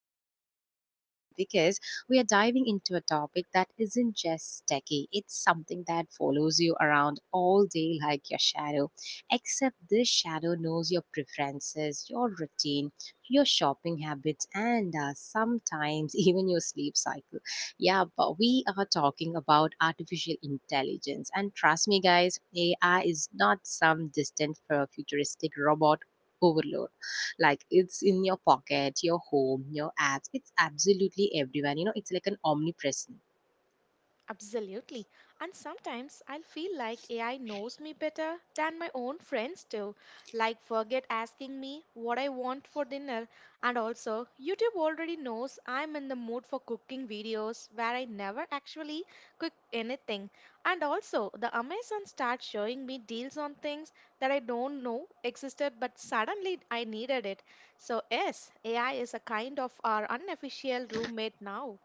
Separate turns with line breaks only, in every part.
episode is special because we are diving into a topic that isn't just techie. It's something that follows you around all day like your shadow. Except this shadow knows your preferences, your routine, your shopping habits and sometimes even your sleep cycle. Yeah, but we are talking about artificial intelligence. And trust me, guys, AI is not some distant futuristic robot overload. Like it's in your pocket, your home, your apps. It's absolutely everywhere. You know, it's like an omnipresent.
Absolutely. And sometimes I'll feel like AI knows me better than my own friends do. Like, forget asking me what I want for dinner. And also, YouTube already knows I'm in the mood for cooking videos where I never actually cook anything. And also, the Amazon starts showing me deals on things that I don't know existed, but suddenly I needed it. So, yes, AI is a kind of our unofficial roommate now.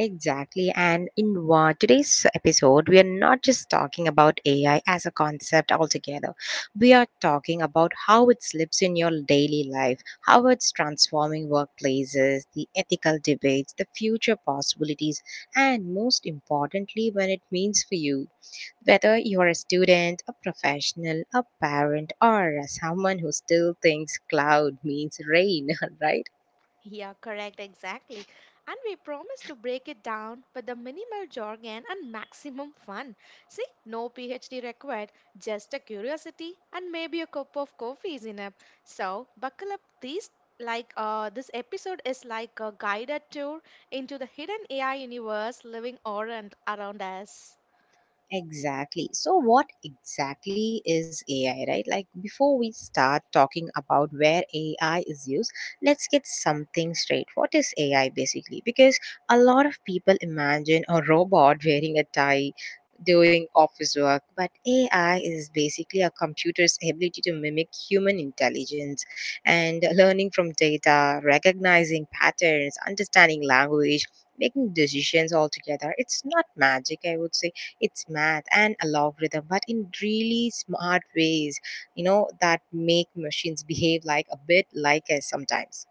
Exactly. And in today's episode, we are not just talking about AI as a concept altogether. We are talking about how it slips in your daily life, how it's transforming workplaces, the ethical debates, the future possibilities, and most importantly, when it means for you. Whether you are a student, a professional, a parent, or someone who still thinks cloud means rain, right?
Yeah, correct, exactly. And we promise to break it down with the minimal jargon and maximum fun. See, no PhD required, just a curiosity and maybe a cup of coffee is enough. So, buckle up these like this episode is like a guided tour into the hidden AI universe living or and around us.
Exactly. So, what exactly is AI, right? Like, before we start talking about where AI is used, let's get something straight. What is AI basically? Because a lot of people imagine a robot wearing a tie doing office work, but AI is basically a computer's ability to mimic human intelligence and learning from data, recognizing patterns, understanding language. Making decisions altogether. It's not magic, I would say it's math and a logarithm, but in really smart ways, you know, that make machines behave like a bit like us sometimes.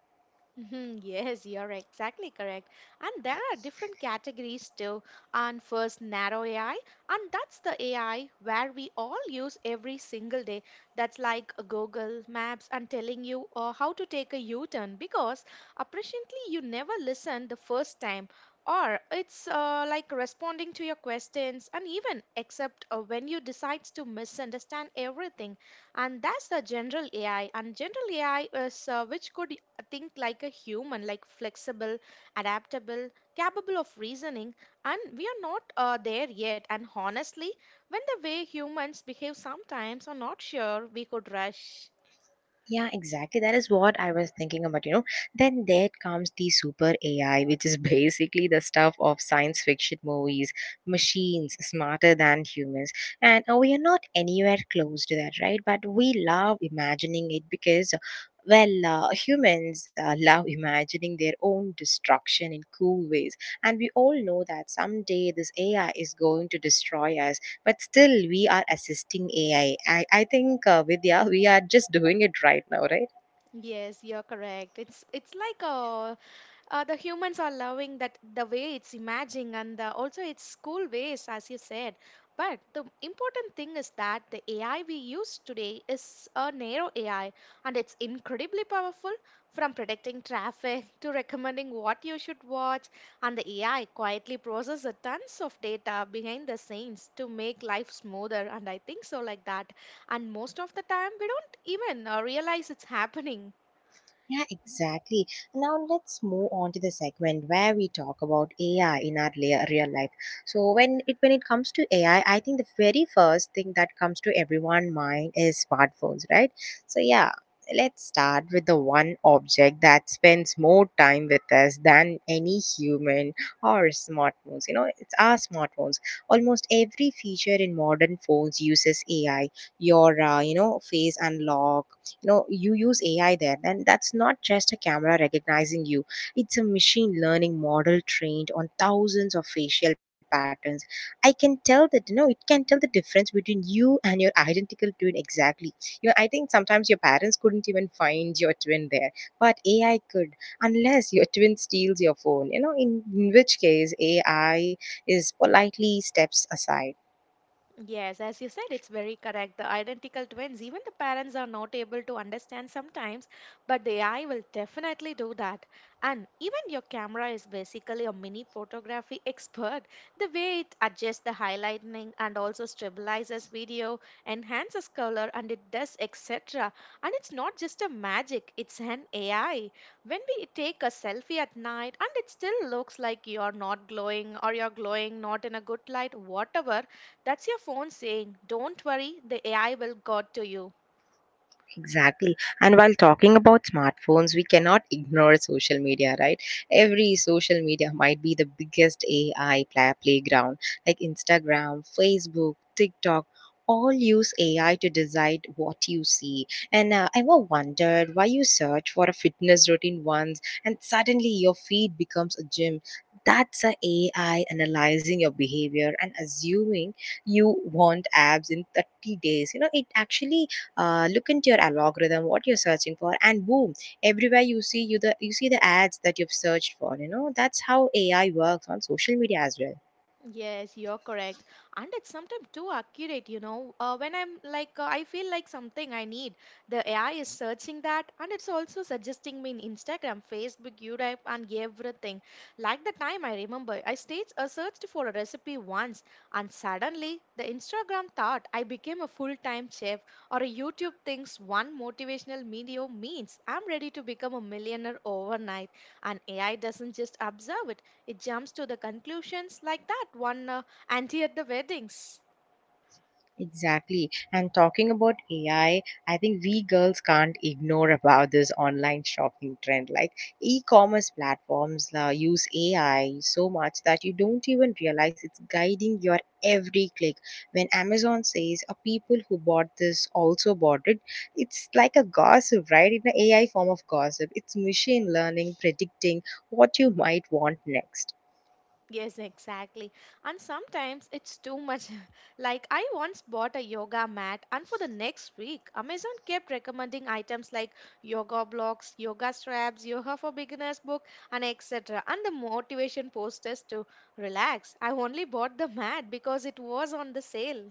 Mhm. Yes, you're exactly correct. And there are different categories too. And first, narrow AI, and that's the AI where we all use every single day. That's like a Google Maps and telling you how to take a U turn because apparently you never listened the first time. Or it's like responding to your questions and even except when you decide to misunderstand everything. And that's the general AI, and general AI is which could think like a human, like flexible, adaptable, capable of reasoning, and we are not there yet. And honestly, when the way humans behave sometimes are not sure we could rush.
Yeah, exactly. That is what I was thinking about, you know. Then there comes the super AI, which is basically the stuff of science fiction movies, machines smarter than humans. And we are not anywhere close to that, right? But we love imagining it because, well, humans love imagining their own destruction in cool ways. And we all know that someday this AI is going to destroy us, but still we are assisting AI. I think, vidya, we are just doing it right now, right?
Yes, you're correct. It's like a the humans are loving that the way it's imaging and the, also its cool ways as you said, but the important thing is that the AI we use today is a narrow AI, and it's incredibly powerful, from predicting traffic to recommending what you should watch. And the AI quietly processes tons of data behind the scenes to make life smoother, and I think so like that. And most of the time we don't even realize it's happening.
Yeah, exactly. Now let's move on to the segment where we talk about AI in our real life. So when it comes to AI, I think the very first thing that comes to everyone's mind is smartphones, right? So yeah, let's start with the one object that spends more time with us than any human or smartphones. You know, it's our smartphones. Almost every feature in modern phones uses AI. Your you know, face unlock, you know, you use AI there. Then that's not just a camera recognizing you, it's a machine learning model trained on thousands of facial patterns. I can tell that, you know, it can tell the difference between you and your identical twin exactly. You know, I think sometimes your parents couldn't even find your twin there, but AI could. Unless your twin steals your phone, you know, in which case AI is politely steps aside.
Yes, as you said, it's very correct. The identical twins, even the parents are not able to understand sometimes, but the AI will definitely do that. And even your camera is basically a mini photography expert. The way it adjusts the highlighting and also stabilizes video, enhances color, and it does etc. And it's not just a magic, it's an AI. When we take a selfie at night and it still looks like you're not glowing or you're glowing not in a good light, whatever, that's your phone saying, "Don't worry, the AI will got to you."
Exactly. And while talking about smartphones, we cannot ignore social media, right? Every social media might be the biggest AI playground, like Instagram, Facebook, TikTok. All use AI to decide what you see. And I ever wondered why you search for a fitness routine once and suddenly your feed becomes a gym. That's a AI analyzing your behavior and assuming you want abs in 30 days. You know, it actually look into your algorithm what you're searching for, and boom, everywhere you see, you see the ads that you've searched for, you know. That's how AI works on social media as well.
Yes, you're correct. And it's sometimes too accurate, you know. When I'm like, I feel like something I need, the AI is searching that, and it's also suggesting me in Instagram, Facebook, YouTube, and everything. Like the time I remember, I staged, searched for a recipe once, and suddenly the Instagram thought I became a full time chef, or a YouTube thinks one motivational video means I'm ready to become a millionaire overnight. And AI doesn't just observe it, it jumps to the conclusions like that one auntie at the weddings.
Exactly. And talking about AI, I think we girls can't ignore about this online shopping trend. Like e-commerce platforms use AI so much that you don't even realize it's guiding your every click. When Amazon says a people who bought this also bought it, it's like a gossip, right? In an AI form of gossip. It's machine learning predicting what you might want next.
Yes, exactly. And sometimes it's too much. Like I once bought a yoga mat, and for the next week, Amazon kept recommending items like yoga blocks, yoga straps, yoga for beginners book, and etc. And the motivation posters to relax. I only bought the mat because it was on the sale.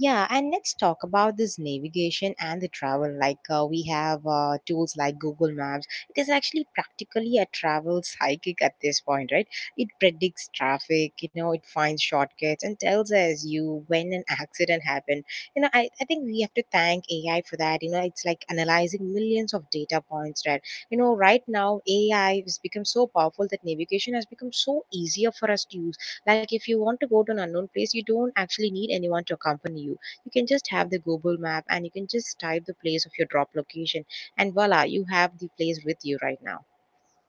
Yeah, and let's talk about this navigation and the travel. Like we have tools like Google Maps. It is actually practically a travel psychic at this point, right? It predicts traffic, you know, it finds shortcuts and tells us you when an accident happened. You know, I think we have to thank AI for that. You know, it's like analyzing millions of data points, right? You know, right now AI has become so powerful that navigation has become so easier for us to use. Like if you want to go to an unknown place, you don't actually need anyone to accompany you. You can just have the Google map and you can just type the place of your drop location, and voila, you have the place with you right now.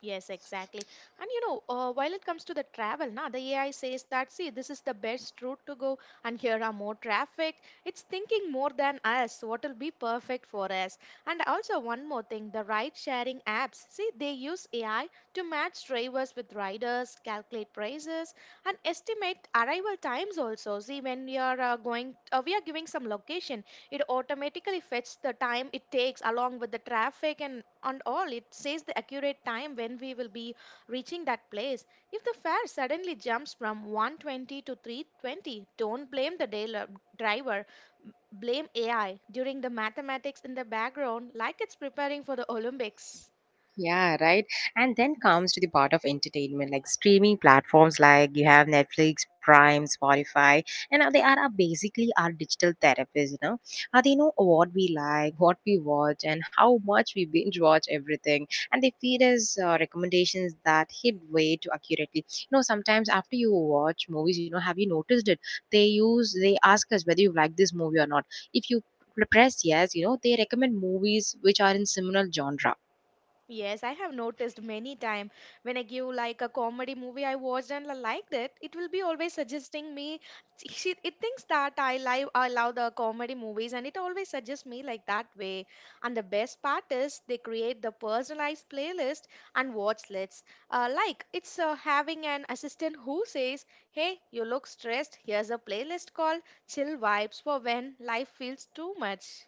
Yes, exactly. And you know, while it comes to the travel, na, the AI says that, see, this is the best route to go, and here are more traffic. It's thinking more than us, what will be perfect for us. And also, one more thing, the ride sharing apps, see, they use AI to match drivers with riders, calculate prices, and estimate arrival times also. See, when we are going, we are giving some location, it automatically fetches the time it takes along with the traffic, and all it says the accurate time when we will be reaching that place. If the fare suddenly jumps from 120 to 320, don't blame the dealer driver, blame AI during the mathematics in the background like it's preparing for the Olympics.
Yeah, right. And then comes to the part of entertainment, like streaming platforms like you have Netflix, Prime, Spotify, and they are basically our digital therapists, you know. They know what we like, what we watch, and how much we binge watch everything. And they feed us recommendations that hit way too accurately. You know, sometimes after you watch movies, you know, have you noticed it? They use, they ask us whether you like this movie or not. If you press yes, you know, they recommend movies which are in similar genre.
Yes, I have noticed many time, when I give like a comedy movie I watched and I liked it, it will be always suggesting me. She, it thinks that I love the comedy movies, and it always suggests me like that way. And the best part is they create the personalized playlist and watch lists. Like it's having an assistant who says, "Hey, you look stressed. Here's a playlist called Chill Vibes for when life feels too much."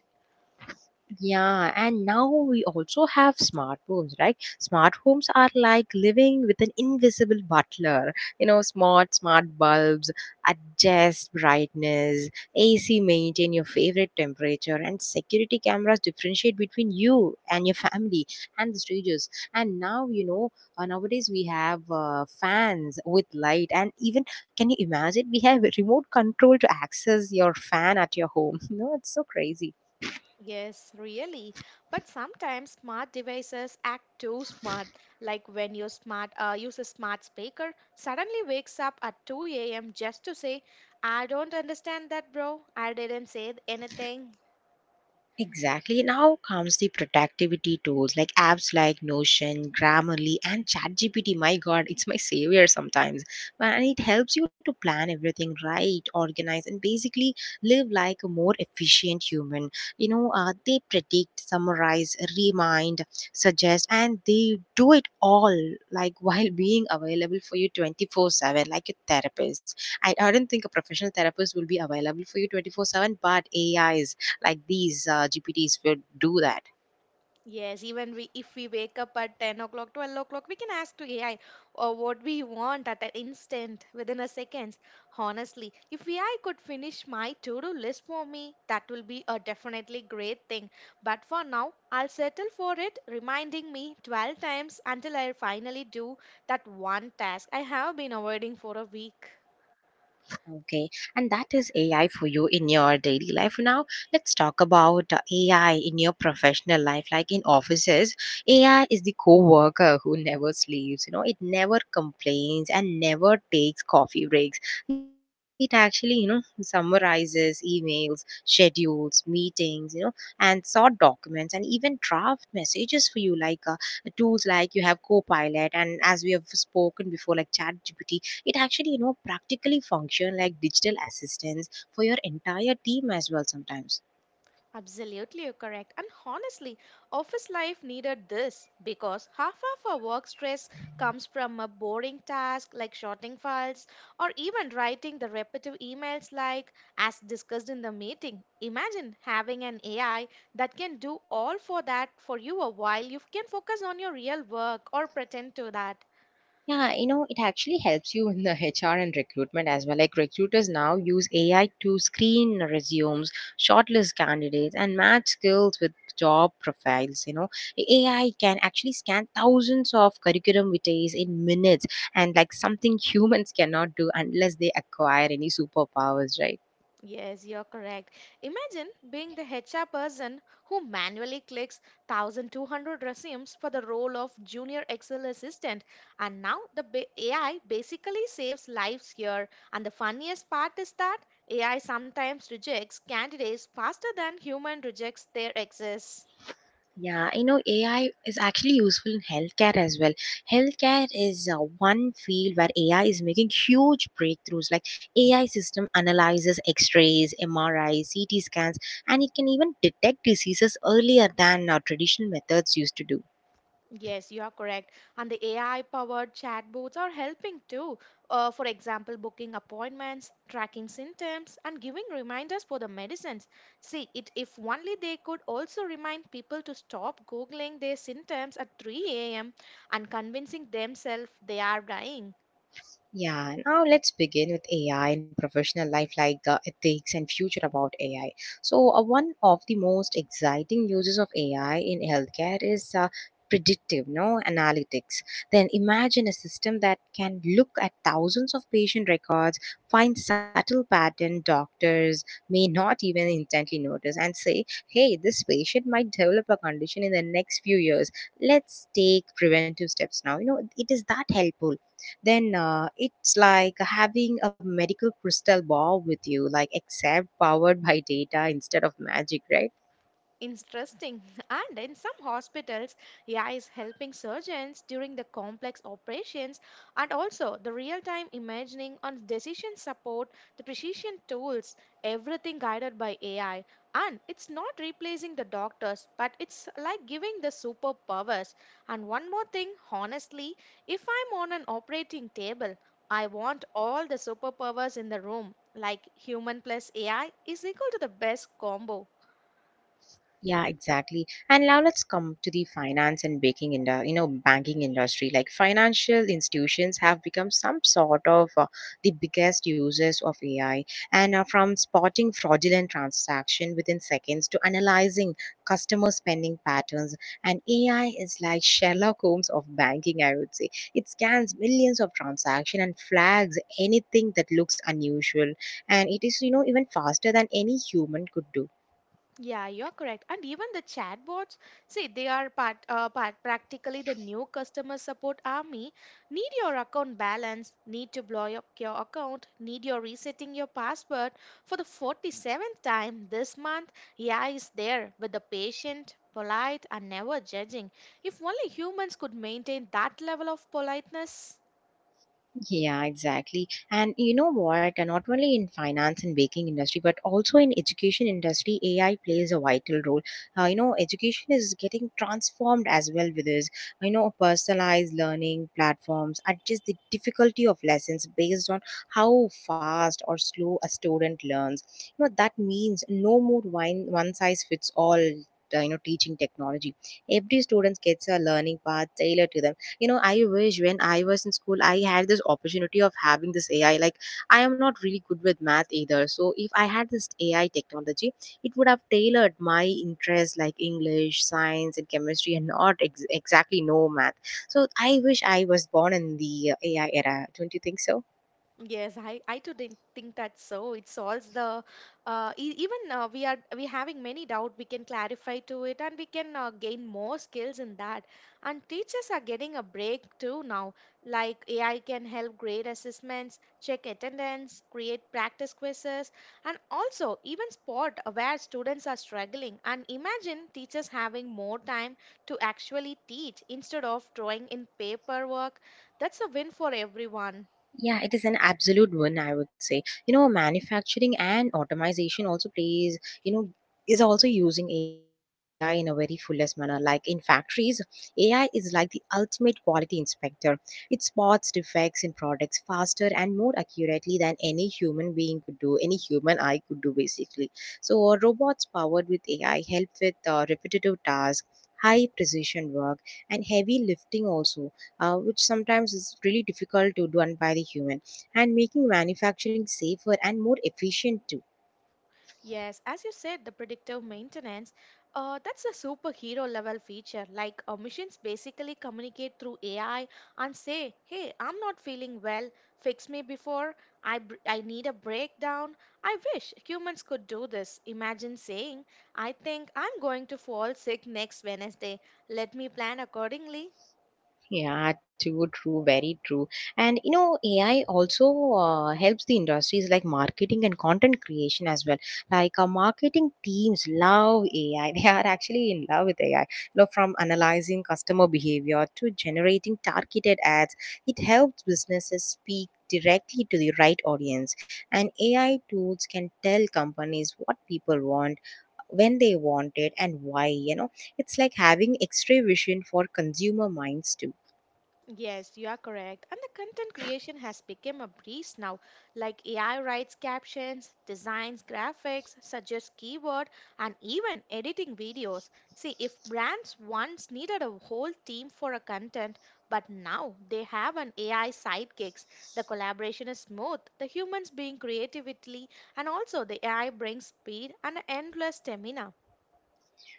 Yeah, and now we also have smart homes, right? Smart homes are like living with an invisible butler. You know, smart bulbs, adjust brightness, AC maintain your favorite temperature, and security cameras differentiate between you and your family and the strangers. And now, you know, nowadays we have fans with light, and even, can you imagine, we have remote control to access your fan at your home. You know, it's so crazy.
Yes, really. But sometimes smart devices act too smart. Like when your smart use a smart speaker suddenly wakes up at 2 a.m. just to say, "I don't understand that, bro. I didn't say anything."
Exactly. Now comes the productivity tools like apps like Notion, Grammarly, and ChatGPT. My God, it's my savior sometimes. And it helps you to plan everything right, organize, and basically live like a more efficient human. You know, they predict, summarize, remind, suggest, and they do it all like while being available for you 24/7, like a therapist. I don't think a professional therapist will be available for you 24/7, but A is like these GPTs will do that.
Yes, even we if we wake up at 10 o'clock, 12 o'clock, we can ask to AI or what we want at an instant within a seconds. Honestly, if AI could finish my to-do list for me, that will be a definitely great thing. But for now, I'll settle for it reminding me 12 times until I finally do that one task I have been avoiding for a week.
Okay, and that is AI for you in your daily life. Now, let's talk about AI in your professional life, like in offices. AI is the co worker who never sleeps, you know, it never complains and never takes coffee breaks. It actually, you know, summarizes emails, schedules, meetings, you know, and sort documents and even draft messages for you, like tools like you have Copilot, and as we have spoken before, like ChatGPT. It actually, you know, practically function like digital assistants for your entire team as well sometimes.
Absolutely, you're correct. And honestly, office life needed this because half of our work stress comes from a boring task like sorting files or even writing the repetitive emails, like as discussed in the meeting. Imagine having an AI that can do all for that for you a while you can focus on your real work or pretend to that.
Yeah, you know, it actually helps you in the HR and recruitment as well. Like recruiters now use AI to screen resumes, shortlist candidates, and match skills with job profiles. You know, AI can actually scan thousands of curriculum vitae in minutes, and like something humans cannot do unless they acquire any superpowers, right?
Yes, you're correct. Imagine being the HR person who manually clicks 1200 resumes for the role of junior Excel assistant. And now AI basically saves lives here. And the funniest part is that AI sometimes rejects candidates faster than human rejects their exes.
Yeah, I know AI is actually useful in healthcare as well. Healthcare is one field where AI is making huge breakthroughs. Like AI system analyzes X-rays, MRIs, CT scans, and it can even detect diseases earlier than traditional methods used to do.
Yes, you are correct. And the AI-powered chatbots are helping too. For example, booking appointments, tracking symptoms, and giving reminders for the medicines. See, it if only they could also remind people to stop googling their symptoms at 3 a.m. and convincing themselves they are dying.
Yeah, now let's begin with AI and professional life, like ethics and future about AI. So, one of the most exciting uses of AI in healthcare is predictive, no, analytics. Then imagine a system that can look at thousands of patient records, find subtle pattern doctors may not even intently notice, and say, "Hey, this patient might develop a condition in the next few years. Let's take preventive steps now." You know, it is that helpful. Then it's like having a medical crystal ball with you, like except powered by data instead of magic, right?
Interesting. And in some hospitals, AI is helping surgeons during the complex operations and also the real time imagining on decision support, the precision tools, everything guided by AI. And it's not replacing the doctors, but it's like giving the superpowers. And one more thing, honestly, if I'm on an operating table, I want all the superpowers in the room. Like human plus AI is equal to the best combo.
Yeah, exactly. And now let's come to the finance and banking industry, you know, banking industry. Like financial institutions have become some sort of the biggest users of AI, and are from spotting fraudulent transaction within seconds to analyzing customer spending patterns. And AI is like Sherlock Holmes of banking, I would say. It scans millions of transactions and flags anything that looks unusual. And it is, you know, even faster than any human could do.
Yeah, you're correct. And even the chatbots, see, they are part, practically the new customer support army. Need your account balance, need to blow up your account, need your resetting your password. For the 47th time this month, AI is there with the patient, polite, and never judging. If only humans could maintain that level of politeness.
Yeah, exactly. And you know what? And not only in finance and banking industry, but also in education industry, AI plays a vital role. You know, education is getting transformed as well with this. You know, personalized learning platforms adjust the difficulty of lessons based on how fast or slow a student learns. You know, that means no more one size fits all. Teaching technology. Every student gets a learning path tailored to them. You know, I wish when I was in school I had this opportunity of having this AI. Like, I am not really good with math either, so if I had this AI technology, it would have tailored my interests like English, science, and chemistry, and not exactly no math. So I wish I was born in the AI era, don't you think so?
Yes, I too didn't think that so. It solves the e- even we are we having many doubt. We can clarify to it, and we can gain more skills in that. And teachers are getting a break too now. Like AI can help grade assessments, check attendance, create practice quizzes, and also even spot where students are struggling. And imagine teachers having more time to actually teach instead of drawing in paperwork. That's a win for everyone.
Yeah, it is an absolute win, I would say. You know, manufacturing and automation also plays, you know, is also using AI in a very fullest manner. Like in factories, AI is like the ultimate quality inspector. It spots defects in products faster and more accurately than any human being could do, any human eye could do, basically. So, robots powered with AI help with repetitive tasks, high precision work, and heavy lifting also, which sometimes is really difficult to done by the human, and making manufacturing safer and more efficient too.
Yes, as you said, the predictive maintenance, that's a superhero level feature. Like machines basically communicate through AI and say, "Hey, I'm not feeling well. Fix me before I need a breakdown." I wish humans could do this. Imagine saying, "I think I'm going to fall sick next Wednesday. Let me plan accordingly."
Yeah, true, true, very true. And you know, AI also helps the industries like marketing and content creation as well. Like, our marketing teams love AI. They are actually in love with AI. You know, from analyzing customer behavior to generating targeted ads, it helps businesses speak directly to the right audience. And AI tools can tell companies what people want, when they want it, and why. You know, it's like having X-ray vision for consumer minds too.
Yes, you are correct. And the content creation has become a breeze now. Like AI writes captions, designs graphics, suggests keyword, and even editing videos. See, if brands once needed a whole team for a content, but now they have an AI sidekicks. The collaboration is smooth, the humans being creativity, and also the AI brings speed and endless stamina.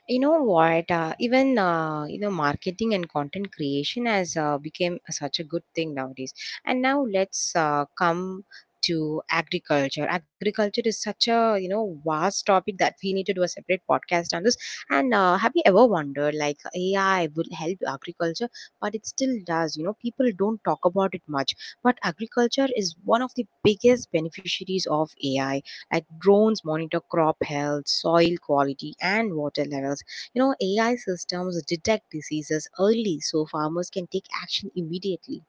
You know what? Even, you know, marketing and content creation has become such a good thing nowadays. And now let's come to agriculture. Agriculture is such a, you know, vast topic that we need to do a separate podcast on this. And have you ever wondered like AI will help agriculture? But it still does. You know, people don't talk about it much, but agriculture is one of the biggest beneficiaries of AI. Like, drones monitor crop health, soil quality, and water levels. You know, AI systems detect diseases early so farmers can take action immediately.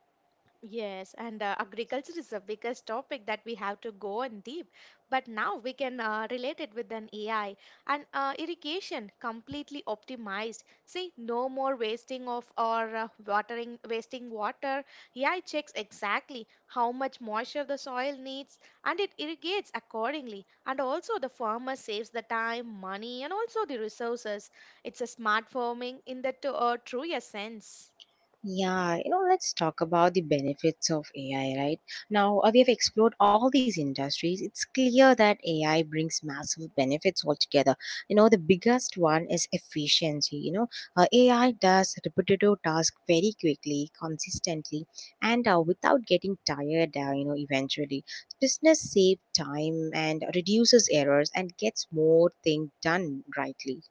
Yes, and agriculture is the biggest topic that we have to go in deep. But now we can relate it with an AI, and irrigation completely optimized. See, no more wasting of wasting water. AI checks exactly how much moisture the soil needs and it irrigates accordingly. And also, the farmer saves the time, money, and also the resources. It's a smart farming in the truest sense.
Yeah, you know, let's talk about the benefits of AI, right? Now, we have explored all these industries. It's clear that AI brings massive benefits altogether. You know, the biggest one is efficiency. You know, AI does repetitive tasks very quickly, consistently, and without getting tired, you know, eventually. Business save time and reduces errors and gets more things done rightly.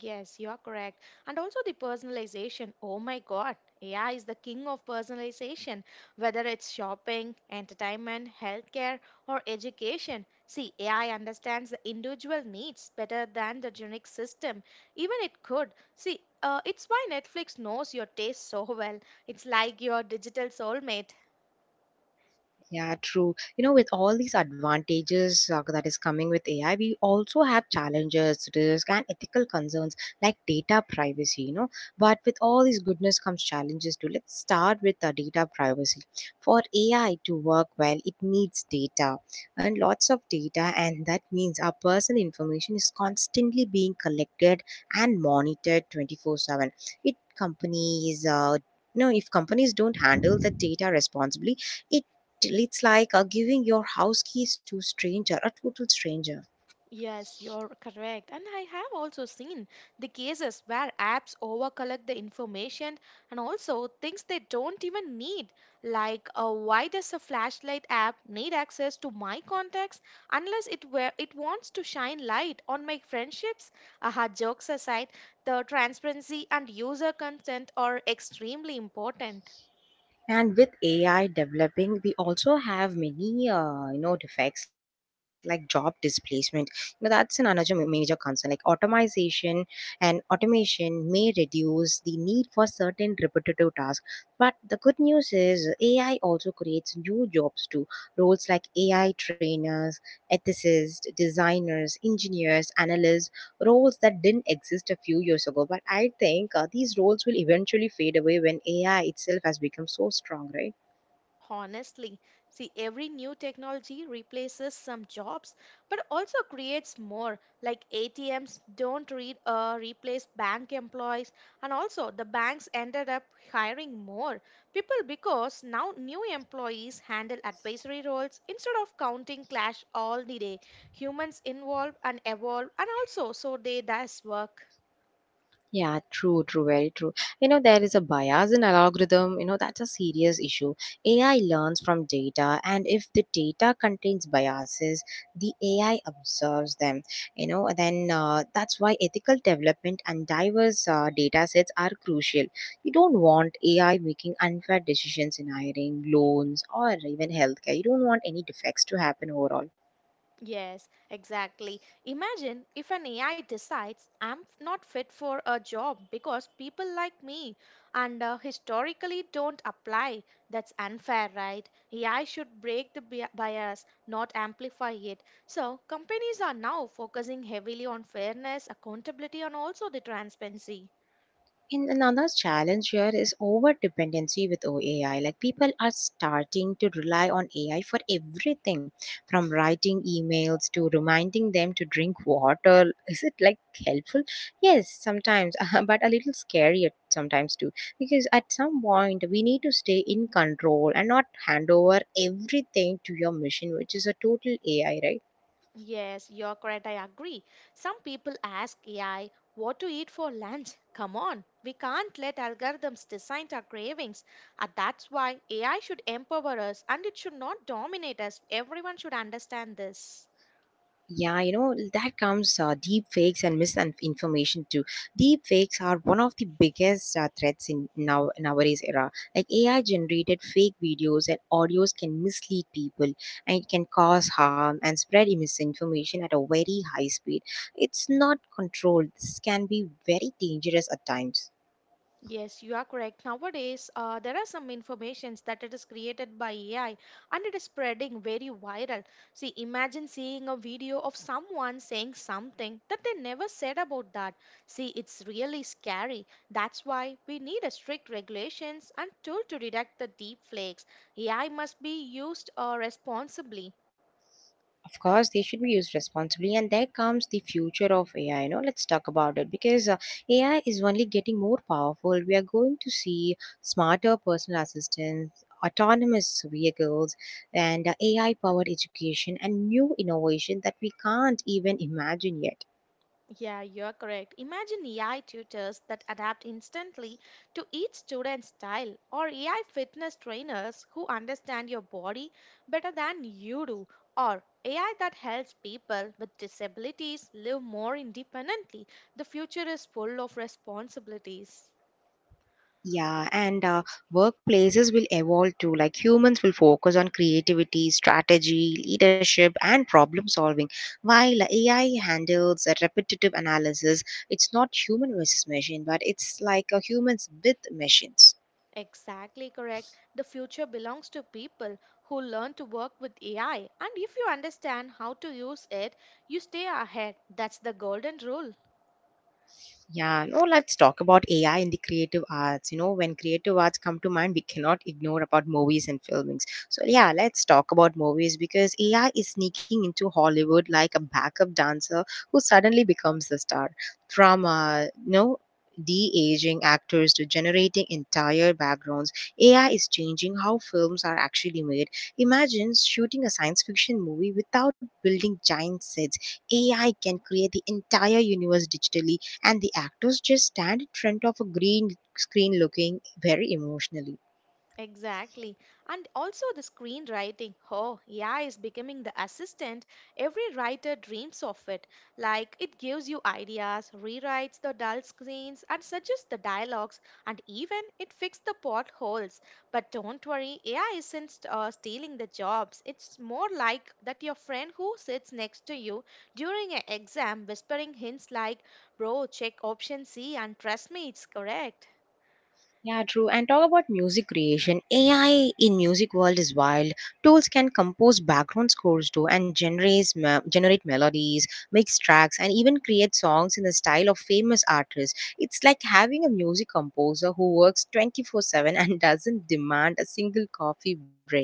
Yes, you're correct. And also the personalization. Oh my God, AI is the king of personalization, whether it's shopping, entertainment, healthcare, or education. See, AI understands the individual needs better than the generic system. Even it could. See, it's why Netflix knows your taste so well. It's like your digital soulmate.
Yeah, true. You know, with all these advantages that is coming with AI, we also have challenges, risk, and ethical concerns like data privacy. You know, but with all these goodness comes challenges too. Let's start with the data privacy. For AI to work well, it needs data and lots of data, and that means our personal information is constantly being collected and monitored 24/7. It companies. If companies don't handle the data responsibly, it's like giving your house keys to a stranger, a total stranger.
Yes, you're correct. And I have also seen the cases where apps overcollect the information and also things they don't even need. Why does a flashlight app need access to my contacts unless it wants to shine light on my friendships? Aha, jokes aside, the transparency and user consent are extremely important.
And with AI developing, we also have many, defects like job displacement. You know, that's an another major concern. Like, automation and automation may reduce the need for certain repetitive tasks. But the good news is AI also creates new jobs too. Roles like AI trainers, ethicists, designers, engineers, analysts, roles that didn't exist a few years ago. But I think these roles will eventually fade away when AI itself has become so strong, right?
Honestly, see, every new technology replaces some jobs but also creates more. Like ATMs don't replace bank employees, and also the banks ended up hiring more people because now new employees handle advisory roles instead of counting cash all the day. Humans involve and evolve, and also so they does work.
Yeah, true, true, very true. You know, there is a bias in algorithm, you know, that's a serious issue. AI learns from data, and if the data contains biases, the AI observes them. You know, then that's why ethical development and diverse data sets are crucial. You don't want AI making unfair decisions in hiring, loans, or even healthcare. You don't want any defects to happen overall.
Yes, exactly. Imagine if an AI decides not fit for a job because people like me and historically don't apply. That's unfair, right? AI should break the bias, not amplify it. So, companies are now focusing heavily on fairness, accountability, and also the transparency.
And another challenge here is over dependency with OAI. Like, people are starting to rely on AI for everything from writing emails to reminding them to drink water. Is it like helpful? Yes, sometimes, but a little scary at sometimes too. Because at some point, we need to stay in control and not hand over everything to your machine, which is a total AI, right?
Yes, you're correct. I agree. Some people ask AI what to eat for lunch. Come on, we can't let algorithms decide our cravings. And that's why AI should empower us and it should not dominate us. Everyone should understand this.
Yeah, you know, that comes deep fakes and misinformation too. Deep fakes are one of the biggest threats in now nowadays era. Like, AI generated fake videos and audios can mislead people, and it can cause harm and spread misinformation at a very high speed. It's not controlled. This can be very dangerous at times.
Yes, you are correct. Nowadays, there are some informations that it is created by AI and it is spreading very viral. See, imagine seeing a video of someone saying something that they never said about that. See, it's really scary. That's why we need a strict regulations and tool to detect the deep fakes. AI must be used responsibly.
Of course they should be used responsibly. And there comes the future of AI. You know, let's talk about it, because AI is only getting more powerful. We are going to see smarter personal assistants, autonomous vehicles, and AI powered education, and new innovation that we can't even imagine yet.
Yeah, you're correct. Imagine AI tutors that adapt instantly to each student's style, or AI fitness trainers who understand your body better than you do, or AI that helps people with disabilities live more independently. The future is full of responsibilities.
Yeah, and workplaces will evolve too. Like, humans will focus on creativity, strategy, leadership, and problem solving, while AI handles a repetitive analysis. It's not human versus machine, but it's like a humans with machines.
Exactly correct. The future belongs to people who learn to work with AI, and if you understand how to use it, you stay ahead. That's the golden rule.
Yeah, no, let's talk about AI in the creative arts. You know, when creative arts come to mind, we cannot ignore about movies and filmings. So yeah, let's talk about movies because AI is sneaking into Hollywood like a backup dancer who suddenly becomes the star. From de-aging actors to generating entire backgrounds, AI is changing how films are actually made. Imagine shooting a science fiction movie without building giant sets. AI can create the entire universe digitally, and the actors just stand in front of a green screen looking very emotionally.
Exactly. And also the screenwriting. Oh, AI is becoming the assistant. Every writer dreams of it. Like it gives you ideas, rewrites the dull scenes, and suggests the dialogues, and even it fixes the plot holes. But don't worry, AI isn't stealing the jobs. It's more like that your friend who sits next to you during an exam whispering hints like, "Bro, check option C and trust me, it's correct."
Yeah, true. And talk about music creation. AI in music world is wild. Tools can compose background scores too, and generate melodies, mix tracks, and even create songs in the style of famous artists. It's like having a music composer who works 24/7 and doesn't demand a single coffee break.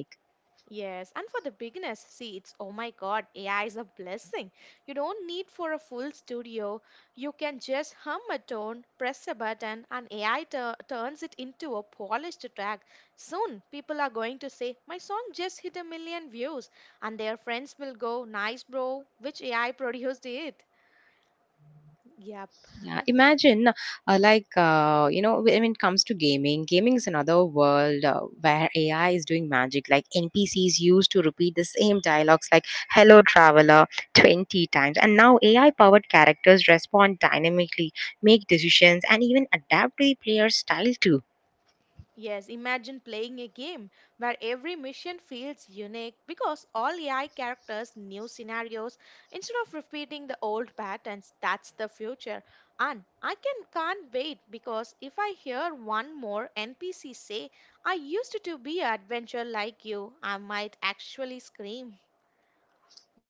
Yes, and for the beginners, see, it's oh my god, AI is a blessing. You don't need for a full studio. You can just hum a tone, press a button, and AI turns it into a polished track. Soon, people are going to say, "My song just hit a million views," and their friends will go, "Nice, bro, which AI produced it?" Yep.
Yeah, imagine you know, when it comes to gaming, gaming is another world where AI is doing magic. Like, NPCs used to repeat the same dialogues like "Hello, traveler" 20 times, and now AI-powered characters respond dynamically, make decisions, and even adapt to the player's style too.
Yes, imagine playing a game where every mission feels unique because all AI characters new scenarios instead of repeating the old patterns. That's the future. And I can't wait because if I hear one more NPC say, "I used to be an adventure like you," I might actually scream.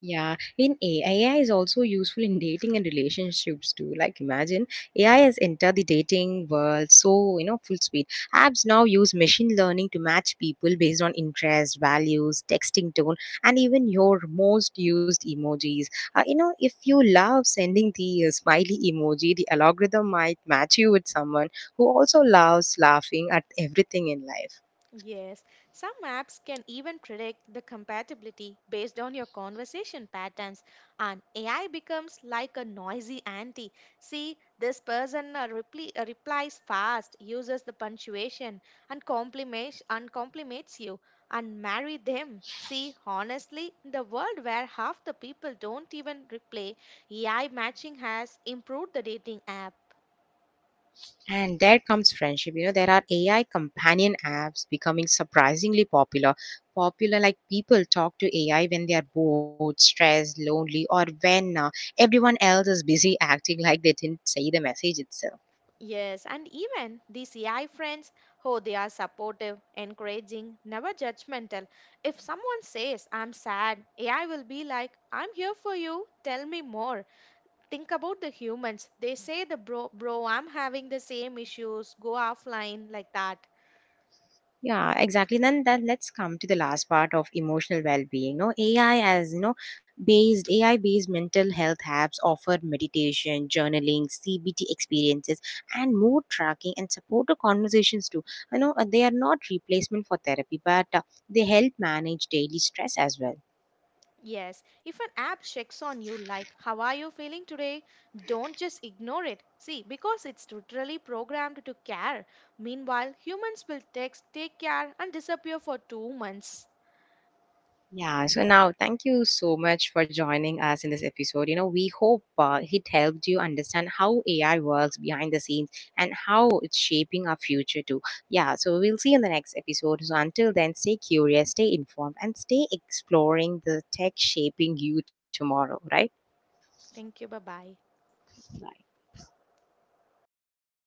Yeah, in AI, is also useful in dating and relationships too. Like, imagine AI has entered the dating world so, you know, full speed. Apps now use machine learning to match people based on interest, values, texting tone, and even your most used emojis. You know, if you love sending the smiley emoji, the algorithm might match you with someone who also loves laughing at everything in life.
Yes, some apps can even predict the compatibility based on your conversation patterns, and AI becomes like a noisy auntie. See, this person replies fast, uses the punctuation, and compliments you, and marry them. See, honestly, in the world where half the people don't even reply, AI matching has improved the dating app.
And there comes friendship. You know, there are AI companion apps becoming surprisingly popular. Popular, like, people talk to AI when they are bored, stressed, lonely, or when everyone else is busy acting like they didn't see the message itself.
Yes, and even these AI friends, oh, they are supportive, encouraging, never judgmental. If someone says, "I'm sad," AI will be like, "I'm here for you, tell me more." Think about the humans. They say, the "Bro, bro, I'm having the same issues, go offline," like that.
Yeah, exactly. Then that let's come to the last part of emotional well-being. No, AI, as you know, based AI-based mental health apps offer meditation, journaling, CBT experiences, and mood tracking and supportive conversations too. I know they are not replacement for therapy, but they help manage daily stress as well.
Yes, if an app checks on you like, "How are you feeling today?" Don't just ignore it. See, because it's literally programmed to care. Meanwhile, humans will text, "Take care," and disappear for two months.
Yeah, so
Yes.
now thank you so much for joining us in this episode. You know, we hope it helped you understand how AI works behind the scenes and how it's shaping our future too. Yeah, so we'll see you in the next episode. So until then, stay curious, stay informed, and stay exploring the tech shaping you tomorrow, right?
Thank you. Bye bye.
Bye.